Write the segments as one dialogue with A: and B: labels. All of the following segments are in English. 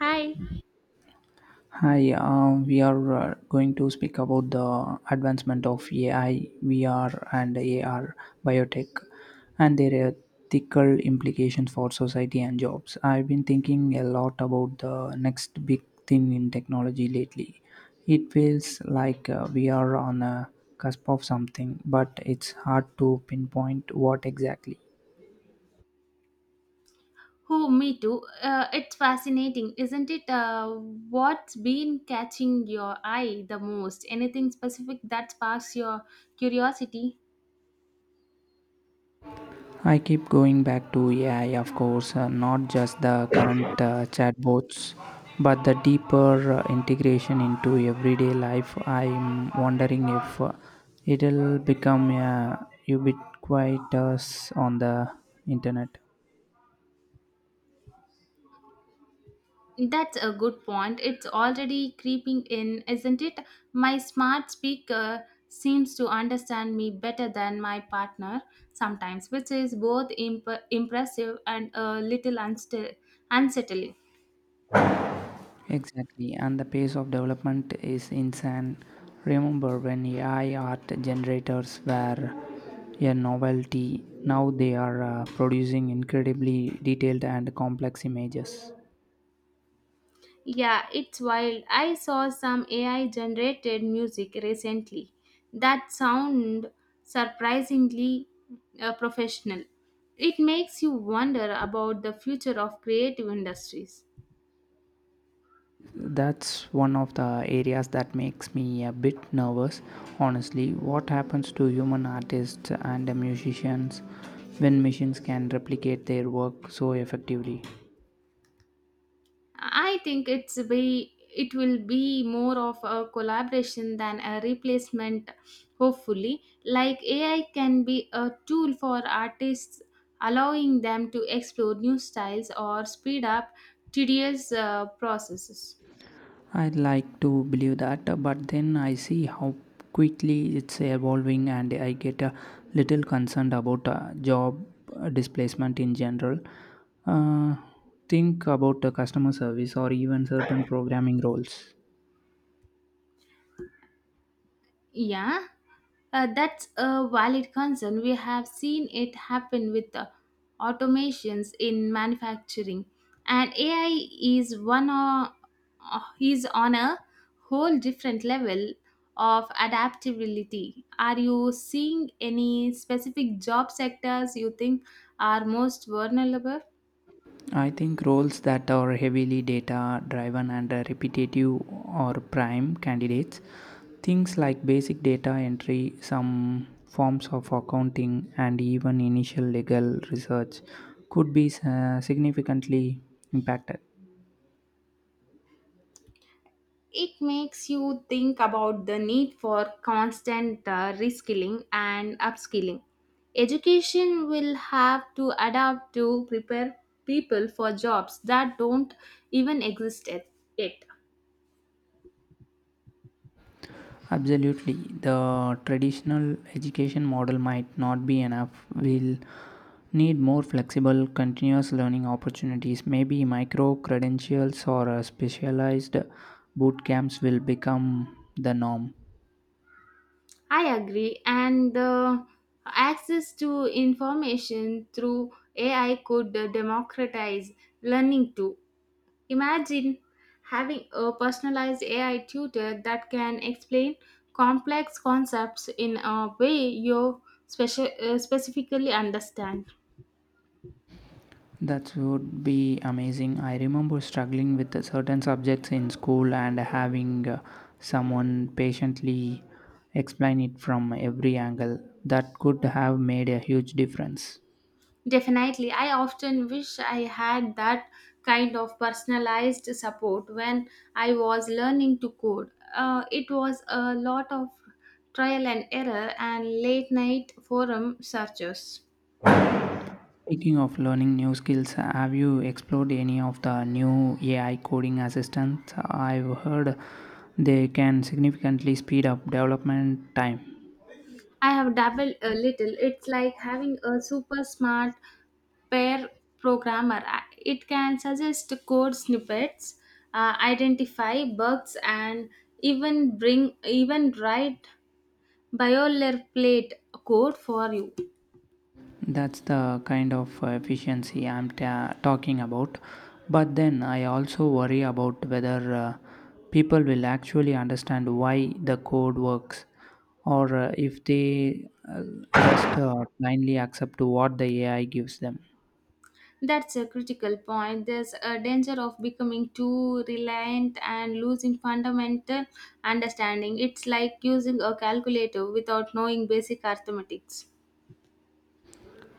A: Hi.
B: Hi, we are going to speak about the advancement of AI, VR, and AR biotech and their ethical implications for society and jobs. I've been thinking a lot about the next big thing in technology lately. It feels like we are on a cusp of something, but it's hard to pinpoint what exactly.
A: Me too. It's fascinating, isn't it? What's been catching your eye the most? Anything specific that sparks your curiosity?
B: I keep going back to AI, of course, not just the current chatbots, but the deeper integration into everyday life. I'm wondering if it'll become a ubiquitous on the internet.
A: That's a good point. It's already creeping in, isn't it? My smart speaker seems to understand me better than my partner sometimes, which is both impressive and a little unsettling.
B: Exactly, and the pace of development is insane. Remember when AI art generators were a novelty, now they are producing incredibly detailed and complex images.
A: Yeah, it's wild. I saw some AI generated music recently that sound surprisingly professional. It makes you wonder about the future of creative industries.
B: That's one of the areas that makes me a bit nervous, honestly. What happens to human artists and musicians when machines can replicate their work so effectively?
A: I think it will be more of a collaboration than a replacement, hopefully. Like AI can be a tool for artists, allowing them to explore new styles or speed up tedious processes.
B: I'd like to believe that, but then I see how quickly it's evolving and I get a little concerned about job displacement in general. uh, think about the customer service or even certain programming roles.
A: Yeah. That's a valid concern. We have seen it happen with the automations in manufacturing, and AI is one o- is on a whole different level of adaptability. Are you seeing any specific job sectors you think are most vulnerable?
B: I think roles that are heavily data driven and repetitive are prime candidates. Things like basic data entry, some forms of accounting, and even initial legal research could be significantly impacted.
A: It makes you think about the need for constant reskilling and upskilling. Education will have to adapt to prepare people for jobs that don't even exist at- yet.
B: Absolutely. The traditional education model might not be enough. We'll need more flexible, continuous learning opportunities. Maybe micro credentials or specialized boot camps will become the norm.
A: I agree, and the access to information through AI could democratize learning too. Imagine having a personalized AI tutor that can explain complex concepts in a way you specifically understand.
B: That would be amazing. I remember struggling with certain subjects in school and having someone patiently explain it from every angle. That could have made a huge difference.
A: Definitely, I often wish I had that kind of personalized support when I was learning to code. It was a lot of trial and error and late night forum searches.
B: Speaking of learning new skills, have you explored any of the new AI coding assistants? I've heard they can significantly speed up development time.
A: I have dabbled a little. It's like having a super smart pair programmer. It can suggest code snippets, identify bugs, and even bring even write boilerplate code for you.
B: That's the kind of efficiency talking about. But then I also worry about whether people will actually understand why the code works or if they just blindly accept what the AI gives them.
A: That's a critical point. There's a danger of becoming too reliant and losing fundamental understanding. It's like using a calculator without knowing basic arithmetics.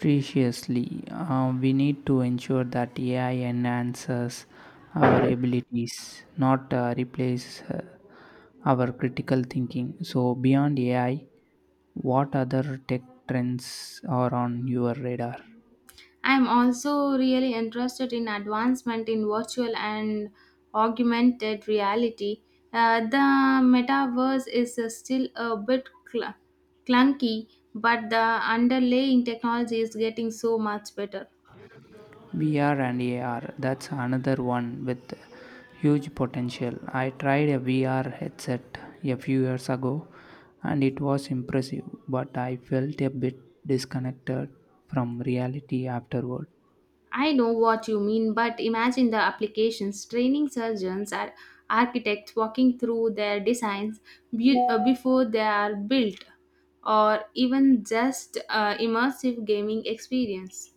B: Preciously, we need to ensure that AI enhances our abilities, not replace our critical thinking. So, beyond AI, what other tech trends are on your radar?
A: I am also really interested in advancement in virtual and augmented reality. The metaverse is still a bit clunky, but the underlying technology is getting so much better.
B: VR and AR, that's another one with huge potential. I tried a VR headset a few years ago and it was impressive, but I felt a bit disconnected from reality afterward.
A: I know what you mean, but imagine the applications: training surgeons, and architects walking through their designs before they are built, or even just immersive gaming experience.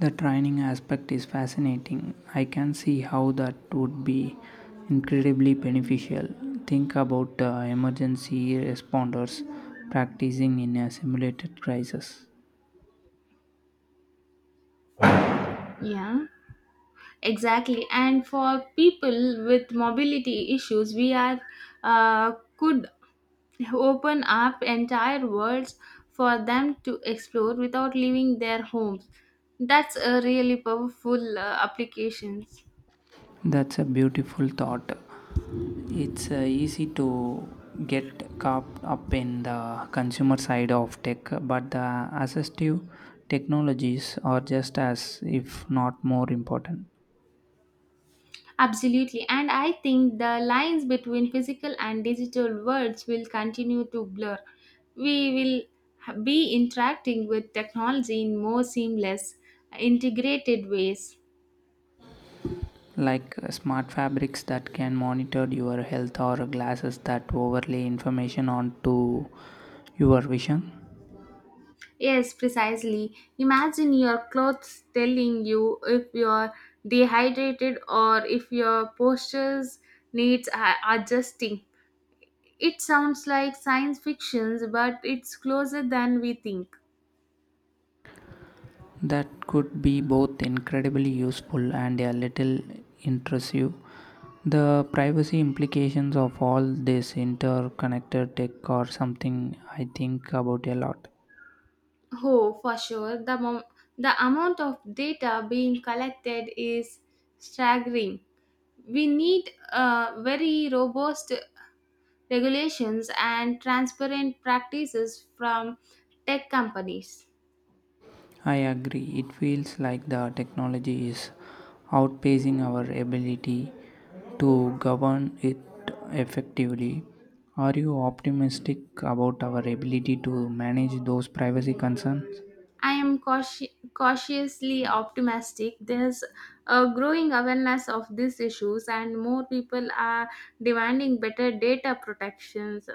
B: The training aspect is fascinating. I can see how that would be incredibly beneficial. Think about emergency responders practicing in a simulated crisis.
A: Yeah. Exactly, and for people with mobility issues, we are could open up entire worlds for them to explore without leaving their homes. That's a really powerful applications.
B: That's a beautiful thought. It's easy to get caught up in the consumer side of tech, but the assistive technologies are just as, if not more important.
A: Absolutely, and I think the lines between physical and digital worlds will continue to blur. We will be interacting with technology in more seamless, integrated ways.
B: Like smart fabrics that can monitor your health or glasses that overlay information onto your vision.
A: Yes, precisely. Imagine your clothes telling you if you're dehydrated or if your postures needs adjusting. It sounds like science fiction, but it's closer than we think.
B: That could be both incredibly useful and a little intrusive. The privacy implications of all this interconnected tech are something I think about a lot.
A: Oh, for sure. The amount of data being collected is staggering. We need very robust regulations and transparent practices from tech companies.
B: I agree. It feels like the technology is outpacing our ability to govern it effectively. Are you optimistic about our ability to manage those privacy concerns?
A: I am cautiously optimistic. There's a growing awareness of these issues, and more people are demanding better data protections.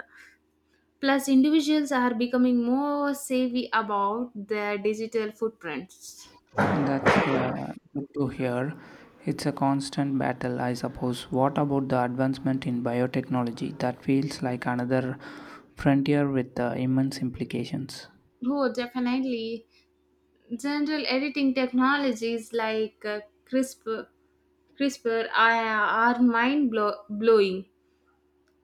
A: Plus, individuals are becoming more savvy about their digital footprints.
B: That's good to hear. It's a constant battle, I suppose. What about the advancement in biotechnology? That feels like another frontier with immense implications.
A: Oh, definitely. General editing technologies like CRISPR CRISPR are mind blowing.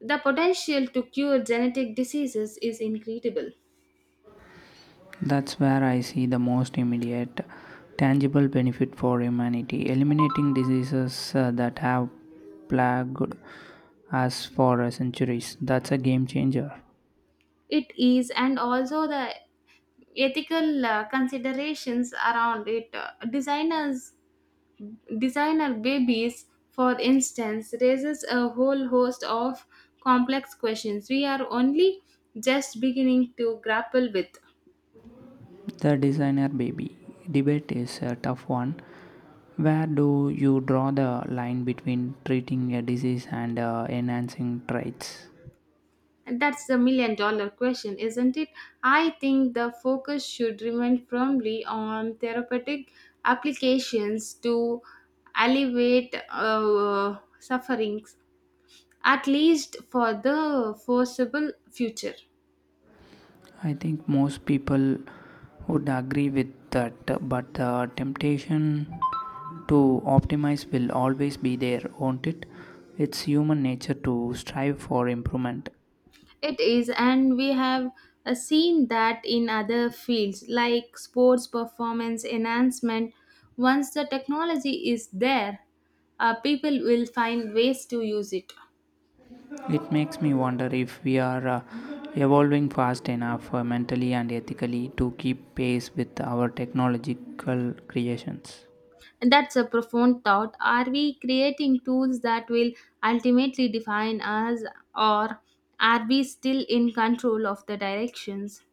A: The potential to cure genetic diseases is incredible.
B: That's where I see the most immediate, tangible benefit for humanity, eliminating diseases that have plagued us for centuries. That's a game changer.
A: It is, and also the ethical considerations around it. Designer babies, for instance, raises a whole host of complex questions we are only just beginning to grapple with.
B: The designer baby debate is a tough one. Where do you draw the line between treating a disease and enhancing traits?
A: And that's the million dollar question, isn't it? I think the focus should remain firmly on therapeutic applications to alleviate sufferings, at least for the foreseeable future.
B: I think most people would agree with that, but the temptation to optimize will always be there, won't it? It's human nature to strive for improvement.
A: It is, and we have seen that in other fields like sports performance enhancement. Once the technology is there, people will find ways to use it.
B: It makes me wonder if we are evolving fast enough mentally and ethically to keep pace with our technological creations.
A: And that's a profound thought. Are we creating tools that will ultimately define us, or are we still in control of the directions?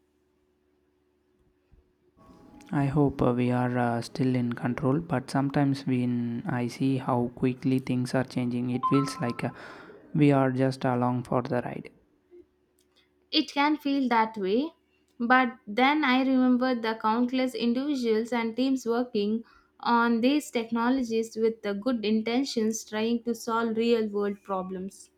B: I hope we are still in control, but sometimes when I see how quickly things are changing, it feels like we are just along for the ride.
A: It can feel that way, but then I remember the countless individuals and teams working on these technologies with the good intentions, trying to solve real world problems.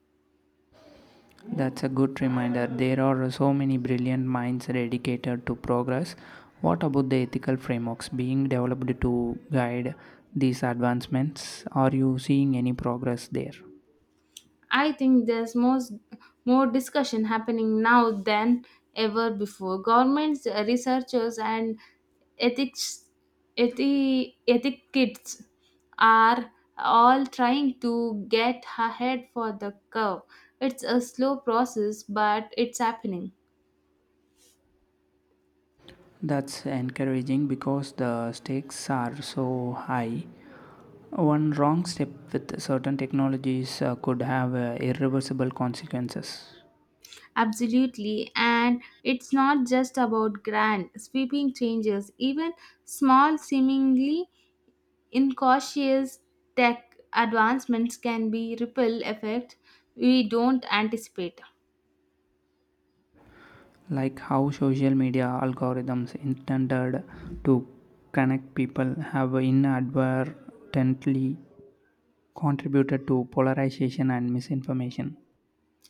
B: That's a good reminder. There are so many brilliant minds dedicated to progress. What about the ethical frameworks being developed to guide these advancements? Are you seeing any progress there?
A: I think more discussion happening now than ever before. Governments, researchers, and ethics ethic kids are all trying to get ahead for the curve. It's a slow process, but it's happening.
B: That's encouraging because the stakes are so high. One wrong step with certain technologies could have irreversible consequences.
A: Absolutely, and it's not just about grand, sweeping changes. Even small, seemingly incautious tech advancements can be ripple effect we don't anticipate.
B: Like how social media algorithms intended to connect people have inadvertently contributed to polarization and misinformation.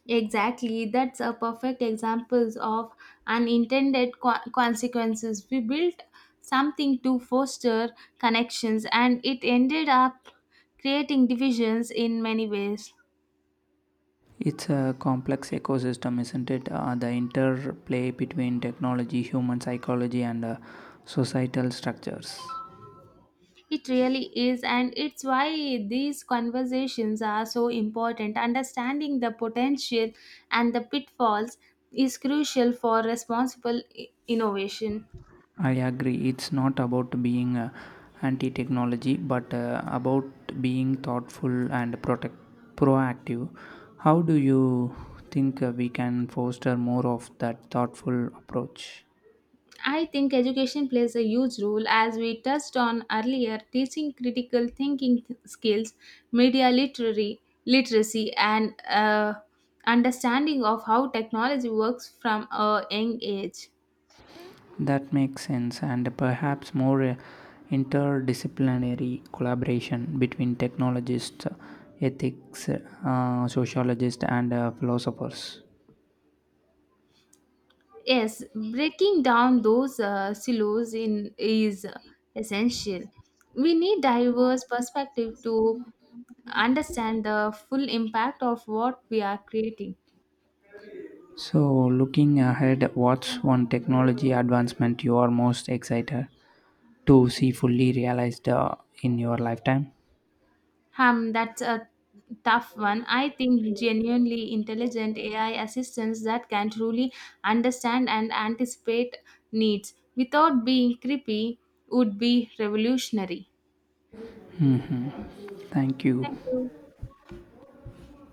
A: Exactly, that's a perfect example of unintended consequences. We built something to foster connections, and it ended up creating divisions in many ways.
B: It's a complex ecosystem, isn't it? The interplay between technology, human psychology, and societal structures.
A: It really is, and it's why these conversations are so important. Understanding the potential and the pitfalls is crucial for responsible innovation.
B: I agree. It's not about being anti technology, but about being proactive. How do you think we can foster more of that thoughtful approach?
A: I think education plays a huge role, as we touched on earlier: teaching critical thinking skills, media literary literacy, and understanding of how technology works from a young age.
B: That makes sense, and perhaps more interdisciplinary collaboration between technologists, ethics, sociologists, and philosophers.
A: Yes, breaking down those silos in is essential. We need diverse perspective to understand the full impact of what we are creating.
B: So, looking ahead, what's one technology advancement you are most excited to see fully realized in your lifetime?
A: That's a tough one. I think genuinely intelligent AI assistants that can truly understand and anticipate needs without being creepy would be revolutionary.
B: Thank you.
A: Thank you.